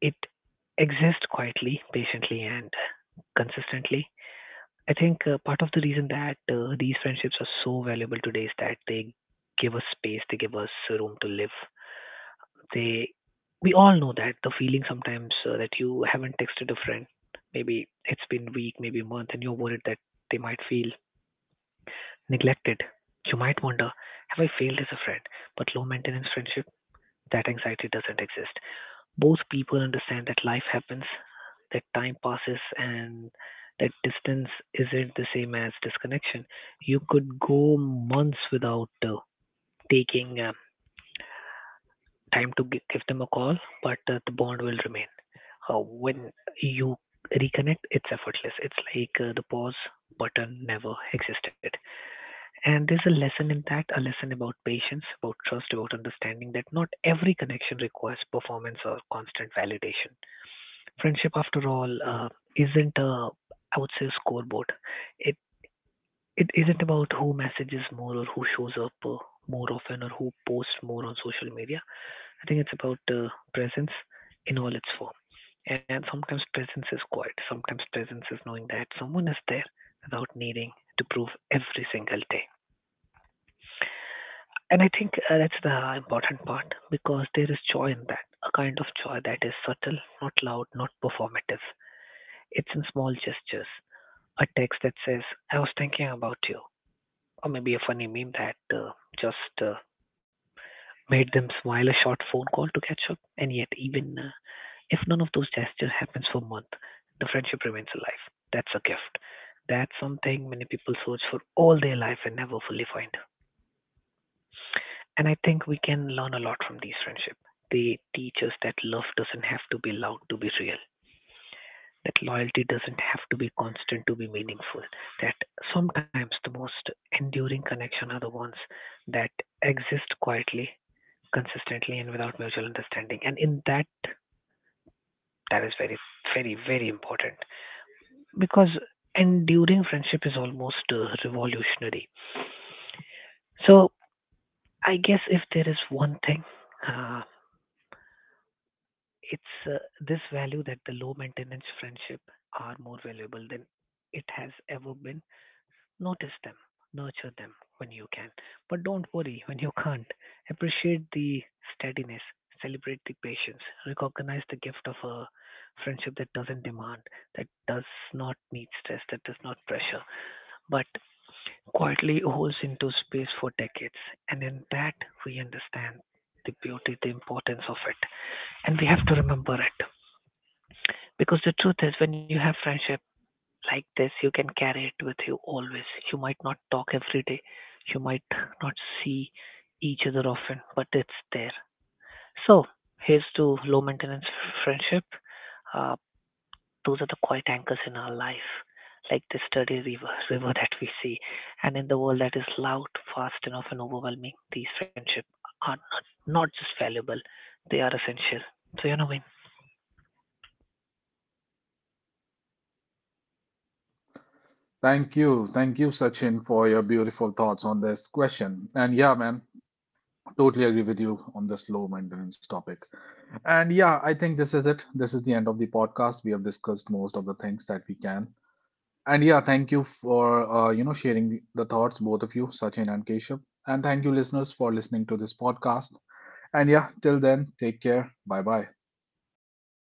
It exists quietly, patiently, and consistently. I think part of the reason that these friendships are so valuable today is that they give us space, they give us room to live. They, we all know that the feeling sometimes that you haven't texted a friend, maybe it's been week, maybe a month, and you're worried that they might feel neglected. You might wonder, have I failed as a friend? But low maintenance friendship, that anxiety doesn't exist. Both people understand that life happens, that time passes, and that distance isn't the same as disconnection. You could go months without taking time to give them a call, but the bond will remain. When you reconnect, it's effortless. It's like the pause button never existed. And there's a lesson in that, a lesson about patience, about trust, about understanding that not every connection requires performance or constant validation. Friendship, after all, isn't a, I would say, a scoreboard. It it isn't about who messages more or who shows up more often or who posts more on social media. I think it's about presence in all its form. And sometimes presence is quiet. Sometimes presence is knowing that someone is there without needing to prove every single day. And I think that's the important part because there is joy in that, a kind of joy that is subtle, not loud, not performative. It's in small gestures. A text that says, I was thinking about you, or maybe a funny meme that just made them smile, a short phone call to catch up. And yet, even if none of those gestures happens for a month, the friendship remains alive. That's a gift. That's something many people search for all their life and never fully find. And I think we can learn a lot from these friendships. They teach us that love doesn't have to be loud to be real, that loyalty doesn't have to be constant to be meaningful. That sometimes the most enduring connection are the ones that exist quietly, consistently, and without mutual understanding. And in that, that is very, very, very important because enduring friendship is almost revolutionary. So I guess if there is one thing, uh, it's this value that the low maintenance friendship are more valuable than it has ever been. Notice them, nurture them when you can, but don't worry when you can't. Appreciate the steadiness, celebrate the patience, recognize the gift of a friendship that doesn't demand, that does not need stress, that does not pressure, but quietly holds into space for decades. And in that, we understand the beauty, the importance of it, and we have to remember it. Because the truth is, when you have friendship like this, you can carry it with you always. You might not talk every day, you might not see each other often, but it's there. So here's to low maintenance friendship, uh, those are the quiet anchors in our life, like the sturdy river that we see. And in the world that is loud, fast, and often overwhelming, these friendships are not just valuable, they are essential. So, you know, when Thank you. Thank you, Sachin, for your beautiful thoughts on this question. And yeah, man, totally agree with you on this low maintenance topic. And yeah, I think this is it. This is the end of the podcast. We have discussed most of the things that we can. And yeah, thank you for sharing the thoughts, both of you, Sachin and Keshav. And thank you, listeners, for listening to this podcast. And yeah, till then, take care. Bye bye.